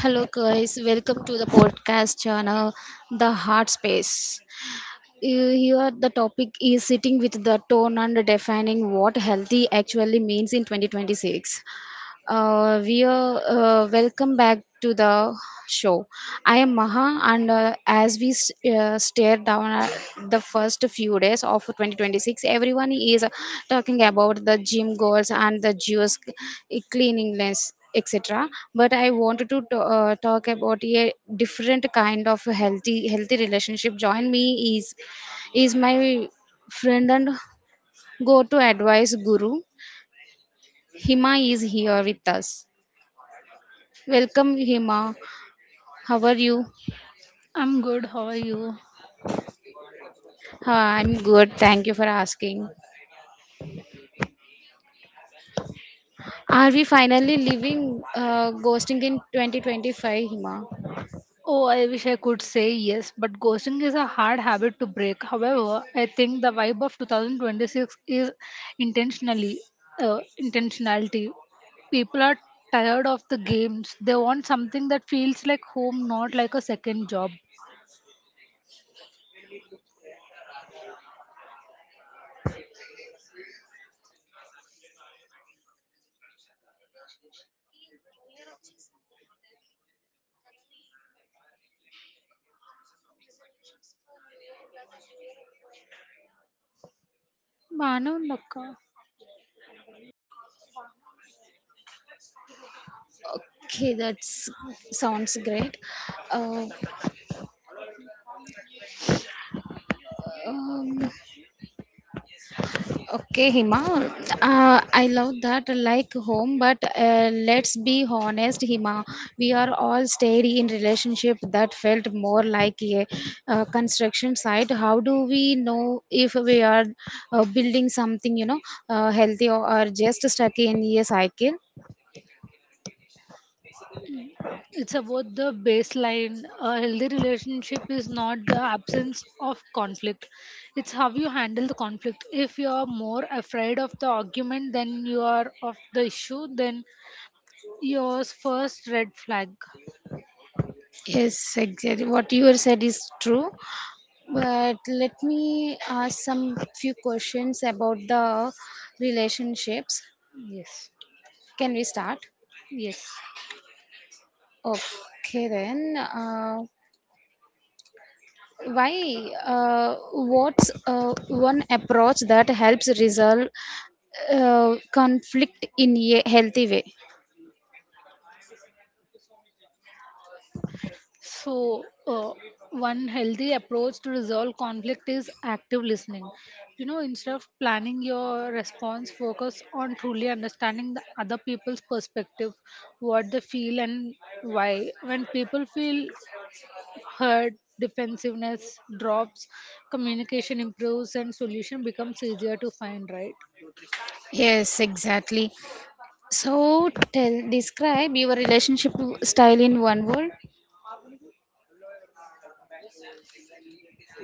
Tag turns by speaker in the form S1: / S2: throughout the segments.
S1: Hello, guys. Welcome to the podcast channel, The Heart Space. Here, the topic is sitting with the tone and defining what healthy actually means in 2026. We are Welcome back to the show. I am Maha, and as we stare down at the first few days of 2026, everyone is talking about the gym goals and the juice, cleanliness, etc. But I wanted to talk about a different kind of healthy relationship. Join me is my friend and go to advice guru. Hima is here with us. Welcome, Hima. How are you?
S2: I'm good. How are you?
S1: I'm good. Thank you for asking. Are we finally leaving ghosting in 2025, Hima?
S2: Oh, I wish I could say yes, but ghosting is a hard habit to break. However, I think the vibe of 2026 is intentionally intentionality. People are tired of the games. They want something that feels like home, not like a second job. Manavlaka.
S1: Okay, that sounds great. Uh, um, Okay, Hima. I love that like home, but let's be honest, Hima. We are all stayed in relationship that felt more like a construction site. How do we know if we are building something, healthy or just stuck in a cycle?
S2: It's about the baseline. A healthy relationship is not the absence of conflict, it's how you handle the conflict. If you are more afraid of the argument than you are of the issue, then yours first red flag.
S1: Yes, exactly. What you said is true. But let me ask some few questions about the relationships.
S2: Yes,
S1: Can we start?
S2: yes.
S1: Okay then, why? What's one approach that helps resolve conflict in a healthy way?
S2: So, one healthy approach to resolve conflict is active listening. You know, instead of planning your response, focus on truly understanding the other people's perspective, what they feel, and why. When people feel heard, defensiveness drops, communication improves, and solution becomes easier to find, right?
S1: Yes, exactly. So, tell describe your relationship style in one word.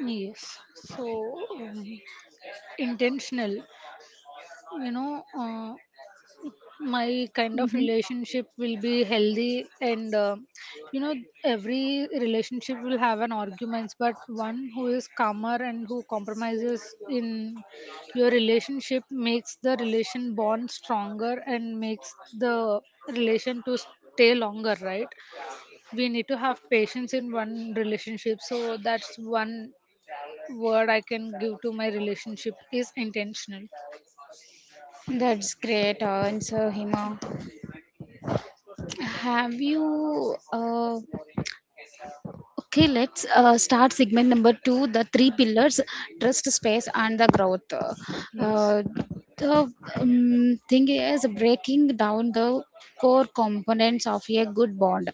S2: Yes. So, intentional, you know. My kind of
S1: hmm
S2: relationship will be healthy and you know every relationship will have an arguments, but one who is calmer and who compromises in your relationship makes the relation bond stronger and makes the relation to stay longer, right? We need to have patience in one relationship, so that's one word I can give to my relationship is intentional.
S1: That's great answer, Hima. Have you? Okay, let's start segment number two, the three
S2: Yeah,
S1: pillars: trust, space, and the growth.
S2: yes,
S1: Uh, the thing is breaking down the core components of a good bond.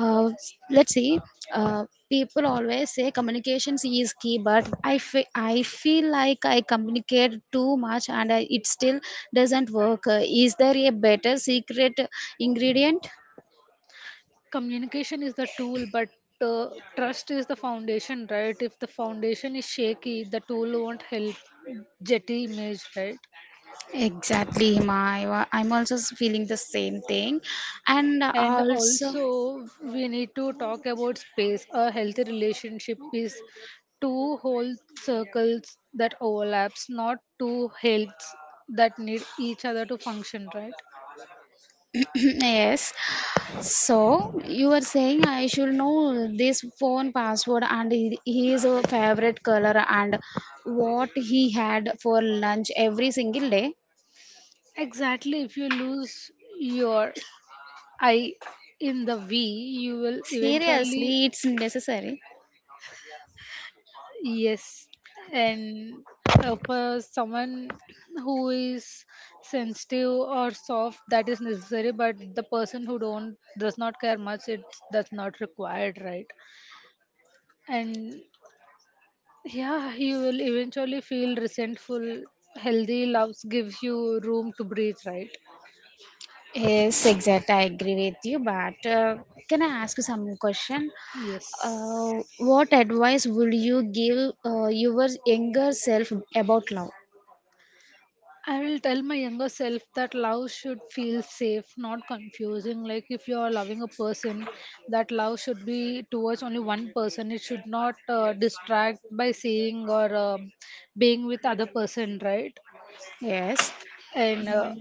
S1: Uh, let's see, uh, people always say communications is key, but I feel like I communicate too much and I, it still doesn't work. Is there a better secret ingredient?
S2: communication is the tool, but uh, trust is the foundation, right? If the foundation is shaky, the tool won't help. Jetty image, right?
S1: Exactly, Hima. I'm also feeling the same thing. And
S2: And
S1: also,
S2: also we need to talk about space. A healthy relationship is two whole circles that overlaps, not two heads that need each other to function, right?
S1: yes. So you were saying I should know this phone password and his favorite color and what he had for lunch every single day.
S2: Exactly. If you lose your I in the V, you will eventually.
S1: Seriously, it's necessary.
S2: Yes, and for someone who is sensitive or soft, that is necessary. But the person who don't does not care much, it that's not required, right? And yeah, you will eventually feel resentful. Healthy loves gives you room to breathe, right?
S1: Yes, exact. I agree with you. But can I ask you some question?
S2: Yes.
S1: What advice would you give your younger self about love?
S2: I will tell my younger self that love should feel safe, not confusing. Like if you are loving a person, that love should be towards only one person. It should not distract by seeing or being with other person, right?
S1: Yes.
S2: And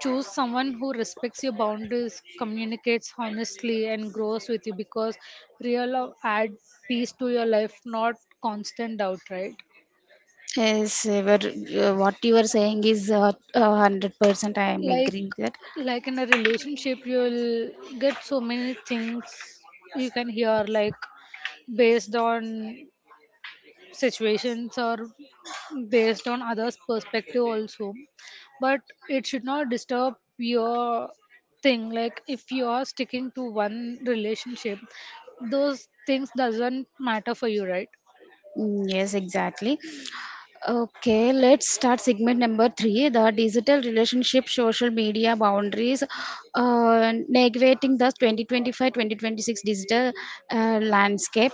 S2: choose someone who respects your boundaries, communicates honestly, and grows with you, because real love add peace to your life, not constant doubt, right?
S1: Yes, what you are saying is 100% I am
S2: like
S1: agree with that.
S2: like in a relationship you'll get so many things you can hear, like based on situations or based on others perspective also, but it should not disturb your thing. Like if you are sticking to one relationship, those things doesn't matter for you, right?
S1: Mm, yes, exactly. Okay, let's start segment number three, the digital relationship, social media boundaries, navigating the 2025 2026 digital landscape.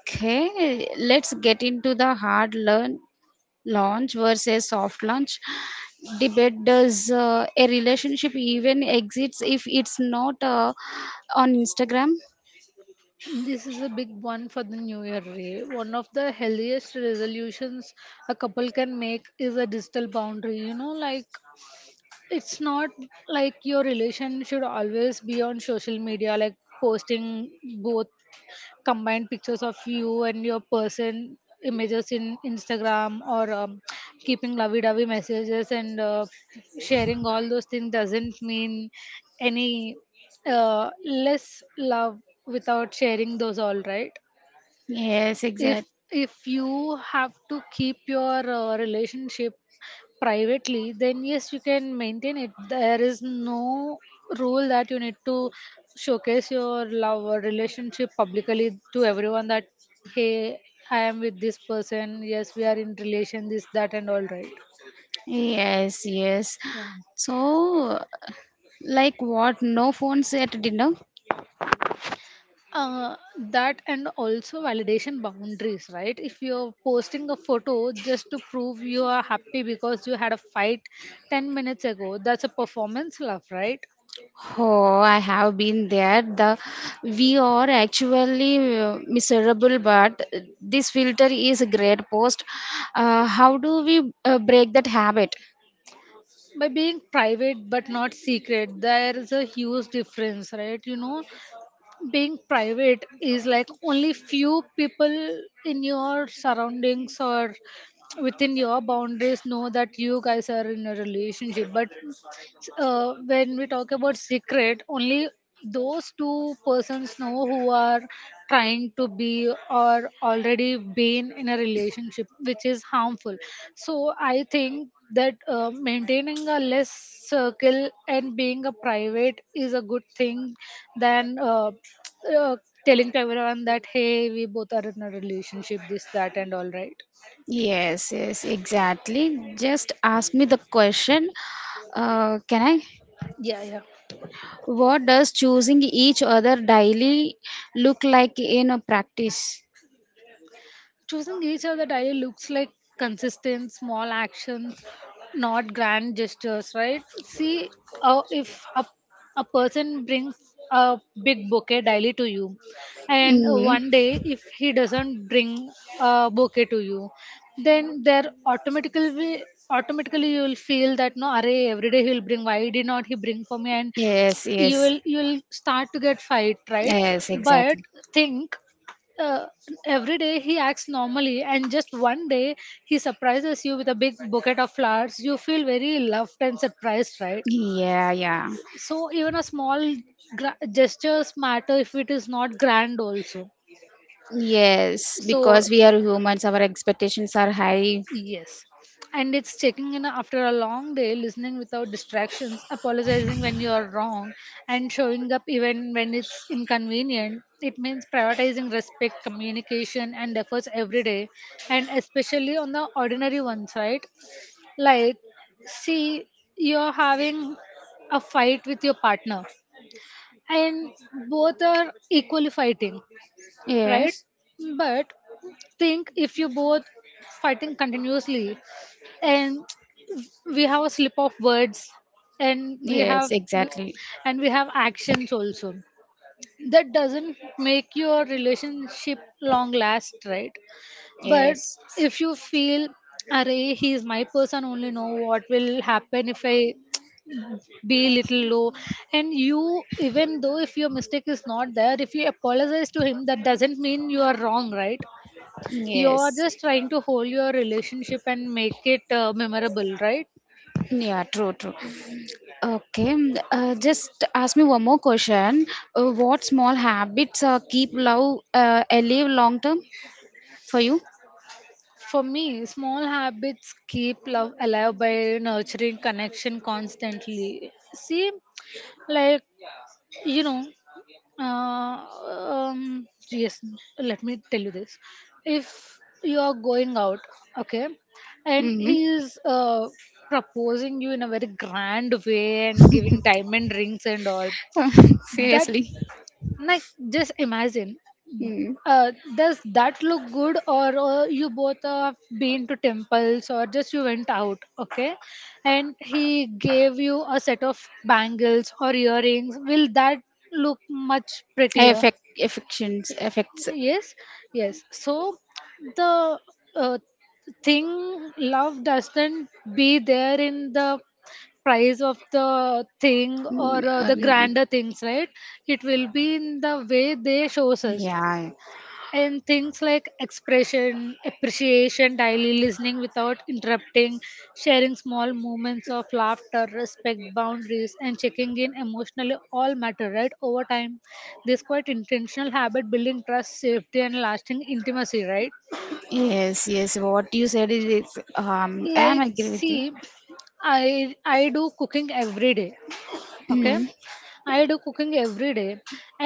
S1: Okay, let's get into the hard learn launch versus soft launch debate. Does a relationship even exists if it's not on Instagram?
S2: This is a big one for the new year, Ray. One of the healthiest resolutions a couple can make is a digital boundary. You know, like it's not like your relation should always be on social media, like posting both combined pictures of you and your person images in Instagram or keeping lovey-dovey messages and sharing all those things doesn't mean any less love without sharing those all, right?
S1: Yes,
S2: if
S1: exactly.
S2: if you have to keep your relationship privately, then yes, you can maintain it. There is no rule that you need to showcase your love or relationship publicly to everyone that hey, I am with this person, yes, we are in relation, this that and all, right?
S1: Yes, yes.
S2: Yeah,
S1: So, like what? No phones at dinner?
S2: uh, that and also validation boundaries, right? If you're posting a photo just to prove you are happy because you had a fight 10 minutes ago, that's a performance love, right?
S1: Oh, I have been there. The We are actually miserable, but this filter is a great post. How do we break that habit?
S2: By being private but not secret, there is a huge difference, right? You know, being private is like only few people in your surroundings or within your boundaries know that you guys are in a relationship. But when we talk about secret, only those two persons know who are trying to be or already been in a relationship, which is harmful. So I think that maintaining a less circle and being a private is a good thing than uh, telling to everyone that hey, we both are in a relationship, this, that, and all, right?
S1: Yes, yes, exactly. Just ask me the question. Can I?
S2: Yeah, yeah.
S1: What does choosing each other daily look like in a practice?
S2: Choosing each other daily looks like consistent small actions, not grand gestures, right? See, if a, a person brings a big bouquet daily to you, and
S1: Mm.
S2: one day if he doesn't bring a bouquet to you, then there automatically you will feel that no array every day he'll bring, why did not he bring for me, and
S1: Yes,
S2: you
S1: yes.
S2: will you will start to get fight, right?
S1: Yes,
S2: But
S1: exactly.
S2: think, uh, every day he acts normally and just one day he surprises you with a big bouquet of flowers, you feel very loved and surprised, right?
S1: Yeah, yeah.
S2: So even a small gestures matter if it is not grand also.
S1: Yes,
S2: So
S1: because we are humans, our expectations are high.
S2: yes. And it's checking in after a long day, listening without distractions, apologizing when you are wrong, and showing up even when it's inconvenient. It means prioritizing respect, communication, and efforts every day, and especially on the ordinary ones, right? Like, see, you're having a fight with your partner, and both are equally fighting, right?
S1: Yes.
S2: But think, if you both fighting continuously, and we have a slip of words, and we
S1: Yes,
S2: have
S1: exactly.
S2: and we have actions also, that doesn't make your relationship long last, right? But
S1: Yes.
S2: if you feel array he is my person only, know what will happen if I be little low, and you, even though if your mistake is not there, if you apologize to him, that doesn't mean you are wrong, right? You're
S1: Yes.
S2: just trying to hold your relationship and make it memorable, right?
S1: Yeah, true, true. Okay, just ask me one more question. What small habits keep love alive long term for you?
S2: For me, small habits keep love alive by nurturing connection constantly. See, like, you know, yes, let me tell you this. If you are going out, okay, and
S1: Hmm.
S2: he is proposing you in a very grand way and giving diamond rings and all, that,
S1: Seriously.
S2: like, just imagine.
S1: Mm.
S2: Does that look good, or you both have been to temples, or just you went out, okay? And he gave you a set of bangles or earrings. Will that look much prettier?
S1: Affect, affections, affects.
S2: Yes, yes. So the uh, thing, love doesn't be there in the price of the thing or the
S1: Yeah,
S2: grander things, right? It will be in the way they shows us,
S1: yeah.
S2: and things like expression, appreciation, daily listening without interrupting, sharing small moments of laughter, respect boundaries, and checking in emotionally all matter, right? Over time, this quite intentional habit building trust, safety, and lasting intimacy, right?
S1: Yes, yes. What you said is, I am
S2: Like,
S1: agree with you.
S2: see, I do cooking every day, okay,
S1: Mm.
S2: I do cooking every day,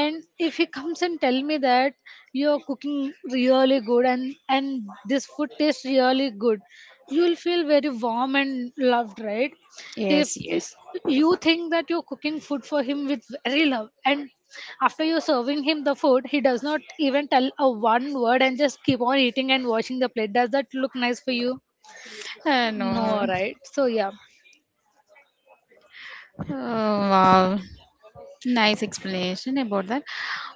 S2: and if he comes and tell me that you're cooking really good and this food tastes really good, you will feel very warm and loved, right? If
S1: Yes, yes.
S2: you think that you're cooking food for him with very love, and after you're serving him the food, he does not even tell a one word and just keep on eating and washing the plate, does that look nice for you? No,
S1: No.
S2: right? So yeah.
S1: Oh, wow. Nice explanation about that.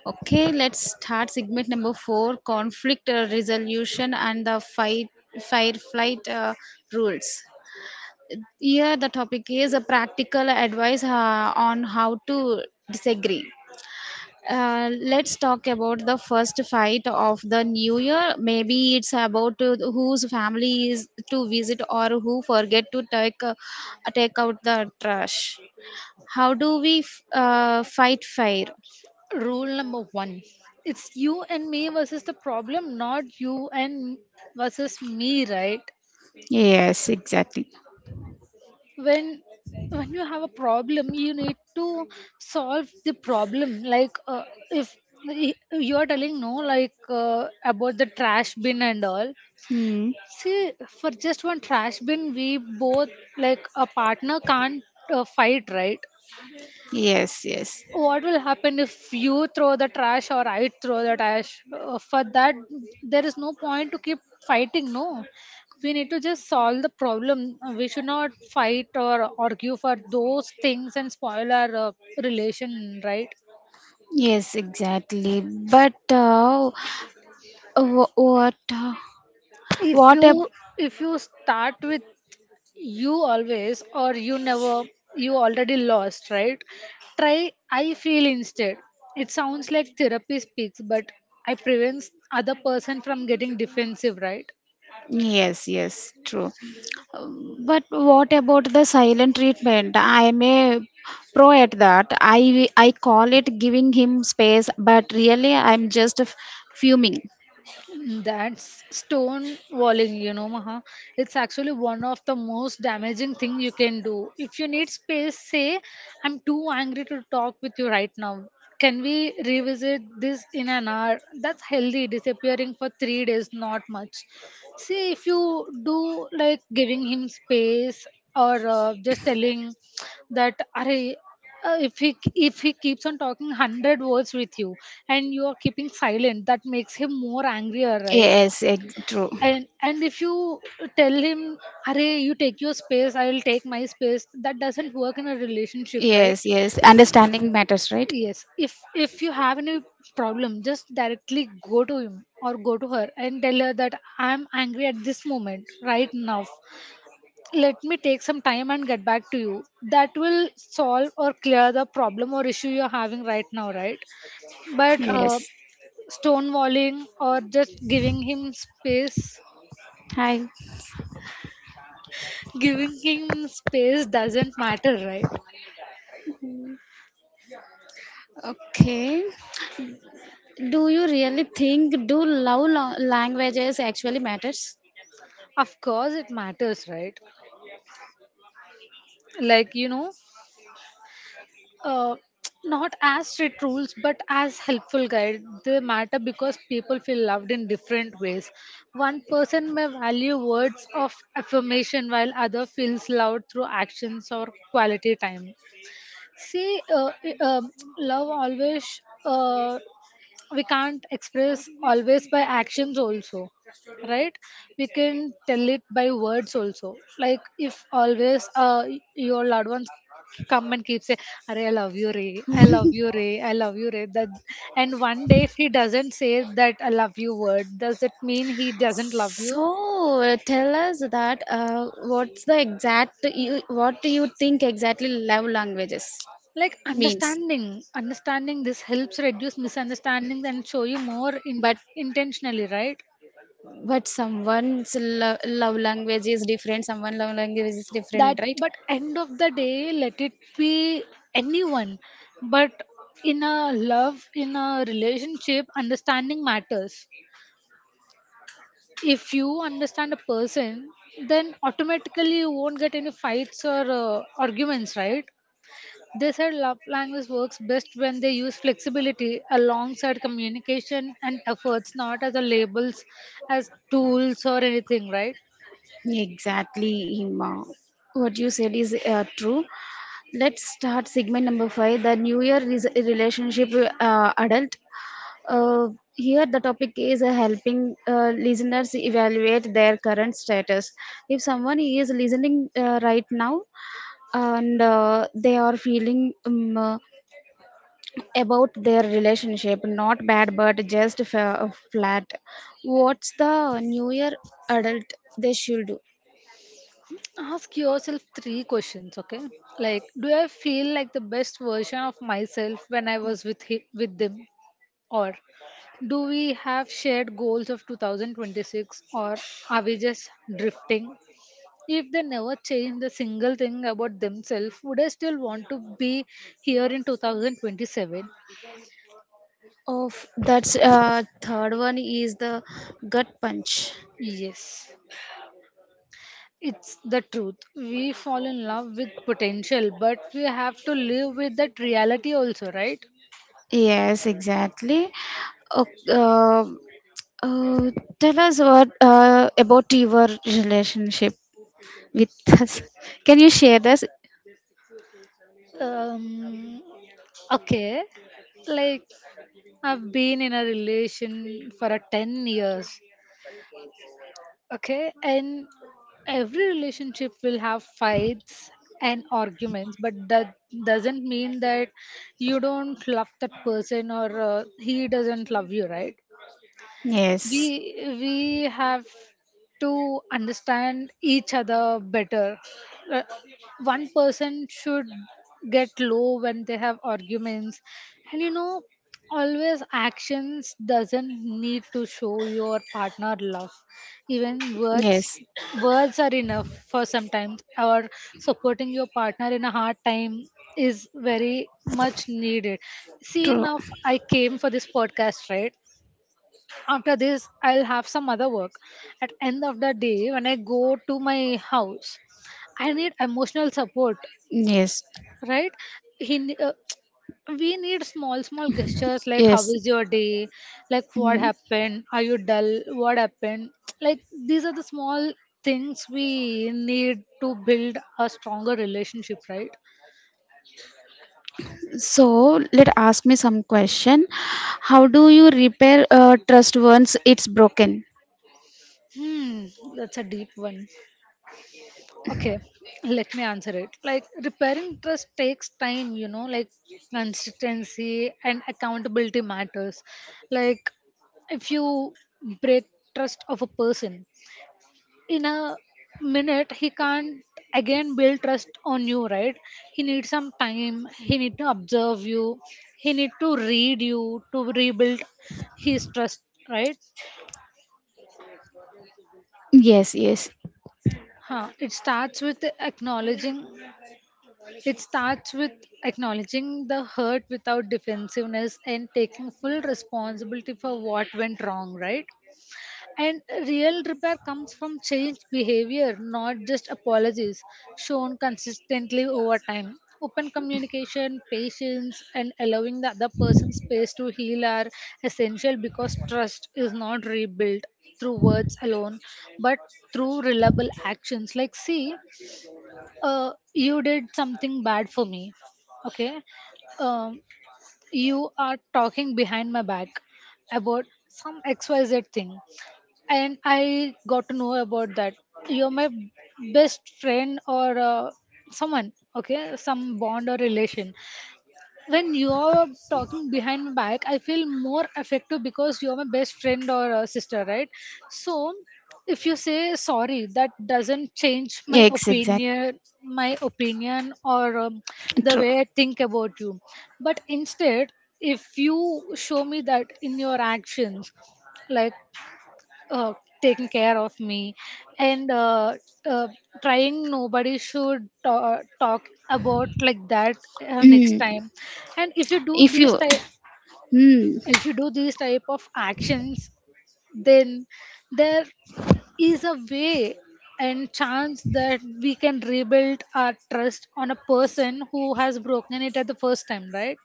S1: Okay, let's start segment number four: conflict resolution and the fight, fire, flight rules. Here, the topic is a practical advice on how to disagree. Let's talk about the first fight of the new year. Maybe it's about whose family is to visit or who forget to take out the trash. How do we fight fire?
S2: Rule number one, it's you and me versus the problem, not you and versus me, right?
S1: Yes, exactly.
S2: When when you have a problem, you need to solve the problem. Like if y- you are telling no, like about the trash bin and all.
S1: Hmm.
S2: See, for just one trash bin, we both a partner can't fight, right?
S1: Yes, yes.
S2: What will happen if you throw the trash or I throw the trash? For that, there is no point to keep fighting. No, we need to just solve the problem. We should not fight or argue for those things and spoil our relation, right?
S1: Yes, exactly. But wh-
S2: if
S1: what
S2: you
S1: a
S2: if you start with you always or you never, you already lost, right? Try I feel instead, it sounds like therapy speaks, but I prevents other person from getting defensive, right?
S1: yes, yes, true. But what about the silent treatment? I am a pro at that. I call it giving him space, but really I'm just fuming.
S2: That's stone walling, you know, Maha. It's actually one of the most damaging thing you can do. If you need space, say, I'm too angry to talk with you right now. Can we revisit this in an hour? That's healthy. Disappearing for 3 days, not much. See, if you do like giving him space or just telling that, "Arey, if he keeps on talking 100 words with you and you are keeping silent, that makes him more angrier, right?
S1: Yes, true.
S2: And if you tell him "Arey, you take your space, I'll take my space, that doesn't work in a relationship, right?
S1: Yes, yes. Understanding matters, right?
S2: Yes, if you have any problem, just directly go to him or go to her and tell her that I'm angry at this moment right now, let me take some time and get back to you, that will solve or clear the problem or issue you're having right now, right? But
S1: Yes.
S2: stonewalling or just giving him space,
S1: Hi.
S2: doesn't matter, right?
S1: Okay. Do you really think do love languages actually matters?
S2: Of course, it matters, right? Like, you know, uh, not as strict rules, but as helpful guide. They matter because people feel loved in different ways. One person may value words of affirmation while other feels loved through actions or quality time. See, love always. We can't express always by actions also, right? We can tell it by words also. Like, if always your loved ones come and keep saying, "I love you, Ray. I love you, Ray. I love you, Ray," that and one day if he doesn't say that I love you word, does it mean he doesn't love you?
S1: So tell us that what's the exact you, what do you think exactly love languages
S2: Like,
S1: means?
S2: understanding this helps reduce misunderstandings and show you more in,
S1: But
S2: intentionally, right?
S1: but someone's love language is different. Someone love language is different,
S2: That,
S1: right?
S2: but end of the day, let it be anyone, but in a love, in a relationship, understanding matters. If you understand a person, then automatically you won't get any fights or arguments, right? They said love language works best when they use flexibility alongside communication and efforts, not as a labels, as tools or anything, right?
S1: Exactly, Hima. What you said is true. Let's start segment number five, the New Year is relationship adult. Uh, Here, the topic is helping listeners evaluate their current status. If someone is listening right now and they are feeling about their relationship, not bad but just flat, what's the New Year adult they should do?
S2: Ask yourself three questions, okay? Like, do I feel like the best version of myself when I was with him, with them, or do we have shared goals of 2026, or are we just drifting? If they never changed a single thing about themselves, would I still want to be here in 2027?
S1: Of that's third one is the gut punch.
S2: Yes, it's the truth. We fall in love with potential, but we have to live with that reality also, right?
S1: Yes, exactly. Okay, uh, tell us what about your relationship with us. Can you share this?
S2: Um, okay. Like, I've been in a relation for a 10 years. Okay. And every relationship will have fights and arguments, but that doesn't mean that you don't love that person or he doesn't love you, right? we
S1: Yes.
S2: we have to understand each other better. Uh, one person should get low when they have arguments, and you know, always actions doesn't need to show your partner love, even words.
S1: Yes.
S2: Words are enough for sometimes, or supporting your partner in a hard time is very much needed. See, enough. I came for this podcast, right? After this I'll have some other work. At end of the day when I go to my house, I
S1: True.
S2: need emotional support,
S1: Yes.
S2: right? he ne- uh, we need small small gestures like, how
S1: Yes.
S2: is your day? Like, what
S1: Mhm.
S2: happened? Are you dull? What happened? Like, these are the small things we need to build a stronger relationship, right?
S1: So let ask me some question. How do you repair trust once it's broken?
S2: Hmm, that's a deep one. Okay, let me answer it. Like, repairing trust takes time, you know, like consistency and accountability matters. Like, if you break trust of a person in a minute, he can't again build trust on you, right? He needs some time, he need to observe you, he need to read you to rebuild his trust, right?
S1: Yes. Yes.
S2: Huh. It starts with acknowledging the hurt without defensiveness and taking full responsibility for what went wrong, right? And real repair comes from changed behavior, not just apologies shown consistently over time. Open communication, patience, and allowing the other person space to heal are essential because trust is not rebuilt through words alone, but through reliable actions. Like, see, you did something bad for me, okay? um, you are talking behind my back about some xyz thing and I got to know about that. You're my best friend or someone, okay, some bond or relation. When you're talking behind my back, I feel more effective because you're my best friend or sister, right? So if you say sorry, that doesn't change my
S1: Yes, exactly.
S2: opinion, my opinion or the
S1: True.
S2: way I think about you. But instead, if you show me that in your actions, like, uh, taking care of me, and uh, trying nobody should talk about like that next
S1: Mm.
S2: time. And if you do
S1: If
S2: these
S1: you,
S2: type,
S1: mm.
S2: if you do these type of actions, then there is a way and chance that we can rebuild our trust on a person who has broken it at the first time, right?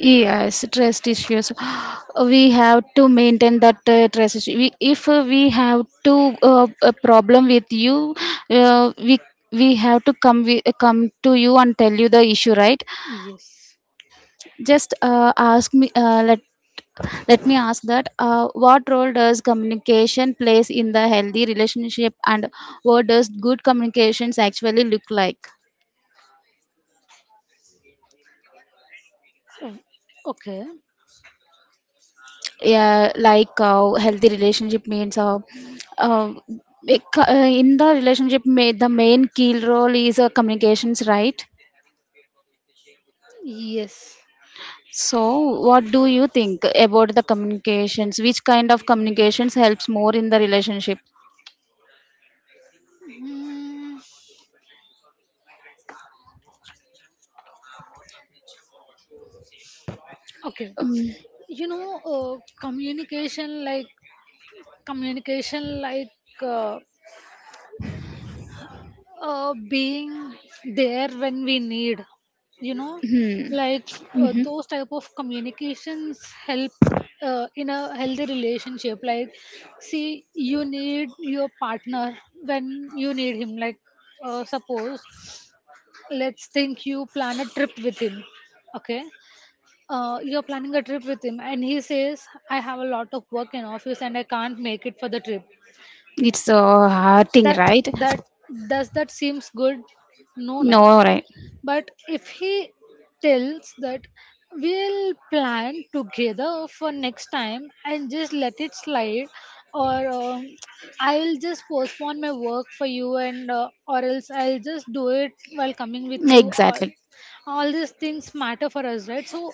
S1: Yes, trust issues. We have to maintain that trust issue. If we have to a problem with you, uh, we we have to come to you and tell you the issue, right?
S2: Yes.
S1: Just ask me. Let me ask that. What role does communication plays in the healthy relationship, and what does good communications actually look like?
S2: Oh, okay.
S1: Yeah, like healthy relationship means uh, in the relationship the main key role is communications, right.
S2: Yes.
S1: So what do you think about the communications, which kind of communications helps more in the relationship?
S2: Hmm. Okay.
S1: um,
S2: You know, communication like, communication like uh, being there when we need, you know,
S1: hmm,
S2: like,
S1: mhm.
S2: those type of communications help in a healthy relationship. Like, see, you need your partner when you need him, like, suppose, let's think you plan a trip with him, okay? You're planning a trip with him and he says, "I have a lot of work in office and I can't make it for the trip."
S1: It's hurting,
S2: that
S1: right?
S2: that does that seems good? No na.
S1: No, right.
S2: But if he tells that we'll plan together for next time and just let it slide, or I'll just postpone my work for you, and or else I'll just do it while coming with you, or
S1: Exactly.
S2: all these things matter for us, right? So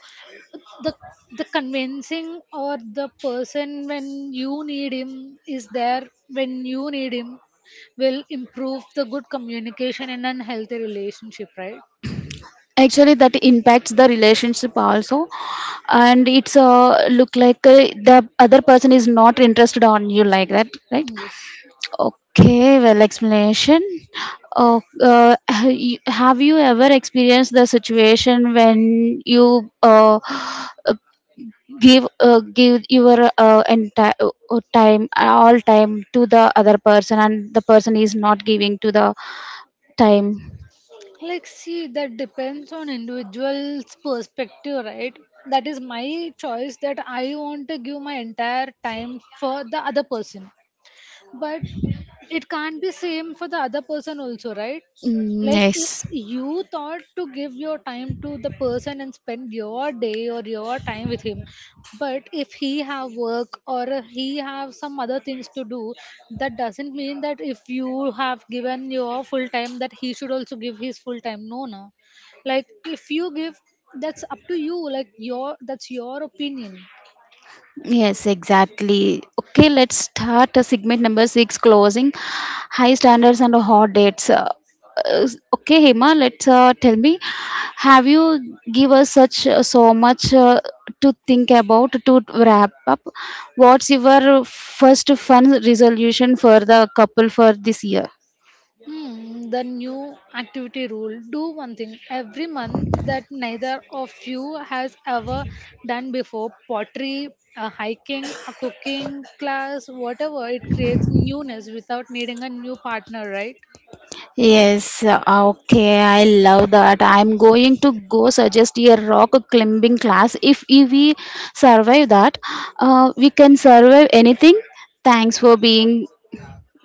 S2: the the convincing, or the person when you need him, is there when you need him, will improve the good communication and a healthy relationship, right?
S1: Actually, that impacts the relationship also, and it's look like the other person is not interested on you like that, right?
S2: Yes.
S1: Okay, well, explanation. Oh, have you ever experienced the situation when you uh, give your entire time, all time to the other person, and the person is not giving to the time?
S2: Like, see, that depends on individual's perspective, right? That is my choice that I want to give my entire time for the other person. But it can't be same for the other person also, right?
S1: Mm,
S2: Like,
S1: yes.
S2: you thought to give your time to the person and spend your day or your time with him, but if he have work or he have some other things to do, that doesn't mean that if you have given your full time that he should also give his full time. No, no. Like, if you give, that's up to you. Like your, that's your opinion.
S1: Yes, exactly. Okay, let's start segment number six, closing high standards and hot dates. Uh, okay, Hema, let's tell me, have you give us such so much to think about to wrap up? What's your first fun resolution for the couple for this year?
S2: Hmm, the new activity rule: do one thing every month that neither of you has ever done before. Pottery, a hiking, a cooking class, whatever. It creates newness without needing a new partner, right?
S1: Yes, okay, I love that. I'm going to go suggest a rock climbing class. If we survive that, we can survive anything. Thanks for being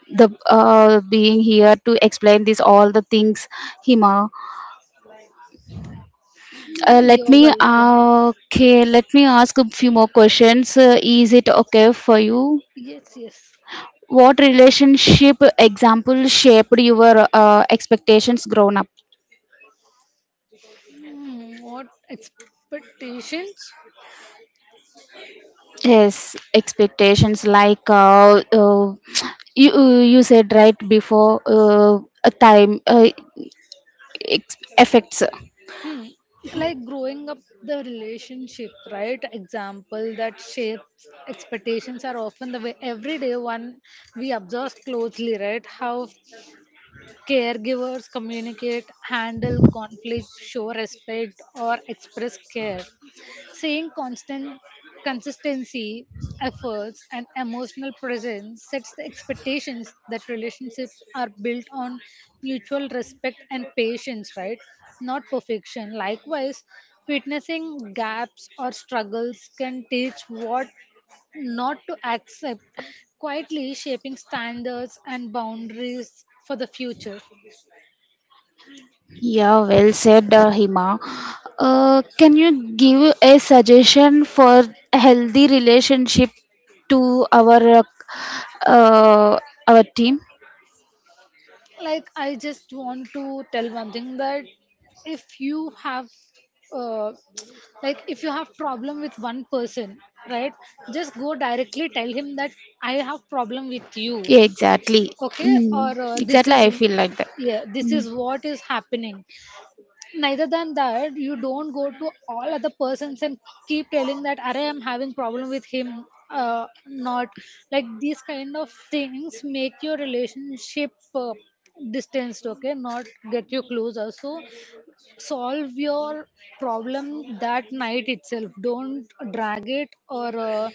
S1: the uh, being here to explain this all the things, Hima.
S2: Hmm,
S1: Let
S2: you're
S1: me
S2: welcome.
S1: Okay, let me ask a few more questions. Is it okay for you?
S2: Yes, yes.
S1: What relationship example shaped your expectations grown up?
S2: Hmm, what expectations?
S1: Yes, expectations like you said right before a time effects.
S2: Hmm. Like, growing up, the relationship, right? Example that shapes expectations are often the way everyday one we observe closely, right? How caregivers communicate, handle conflict, show respect, or express care. Seeing constant consistency, efforts, and emotional presence sets the expectations that relationships are built on mutual respect and patience, right? Not perfection. Likewise, witnessing gaps or struggles can teach what not to accept, quietly shaping standards and boundaries for the future.
S1: Yeah, well said, Hima. Can you give a suggestion for a healthy relationship to uh, uh, our team?
S2: Like, I just want to tell one thing that if you have uh, like if you have problem with one person, right, just go directly tell him that I have problem with you,
S1: Yeah, exactly.
S2: okay? Or
S1: Mm,
S2: this
S1: exactly,
S2: is,
S1: I feel like that.
S2: yeah, this
S1: Mm.
S2: is what is happening. Neither than that, you don't go to all other persons and keep telling that, "Arey, I'm having problem with him, not like these kind of things make your relationship distanced. Okay, not get you closer. So solve your problem that night itself, don't drag it, or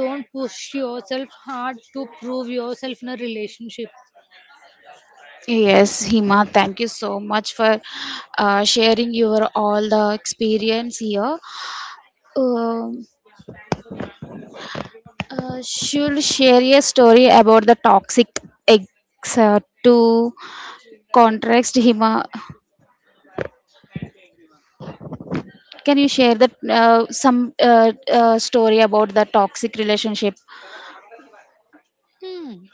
S2: don't push yourself hard to prove yourself in a relationship.
S1: Yes, Hima, thank you so much for sharing your all the experience here. Um She'll share a story about the toxic ex to contrast him. Can you share that some story about the toxic relationship?
S2: Hmm.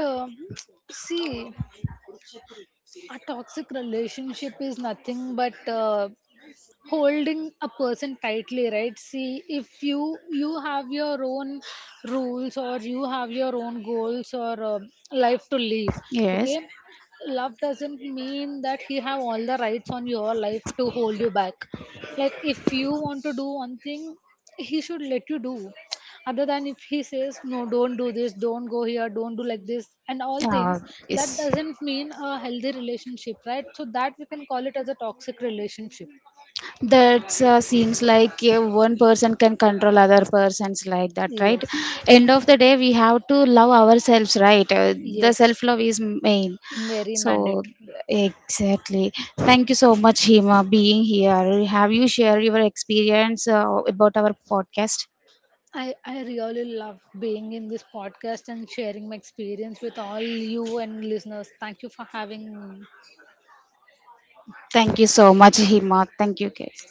S2: Um see, a toxic relationship is nothing but holding a person tightly, right? See, if you, you have your own rules, or you have your own goals, or life to lead,
S1: Yes.
S2: okay? Love doesn't mean that he have all the rights on your life to hold you back. Like, if you want to do one thing, he should let you do. Other than, if he says, "No, don't do this, don't go here, don't do like this," and all things,
S1: Uh,
S2: that
S1: yes.
S2: doesn't mean a healthy relationship, right? So that we can call it as a toxic relationship.
S1: That seems like one person can control other persons like that, right.
S2: Yes,
S1: End of the day we have to love ourselves, right. The
S2: yes,
S1: self love is main.
S2: very
S1: So,
S2: mandatory.
S1: exactly, thank you so much, Hima, being here. Have you shared your experience about our podcast?
S2: I really love being in this podcast and sharing my experience with all you and listeners. Thank you for having me.
S1: Thank you so much, Hima. Thank you, guys.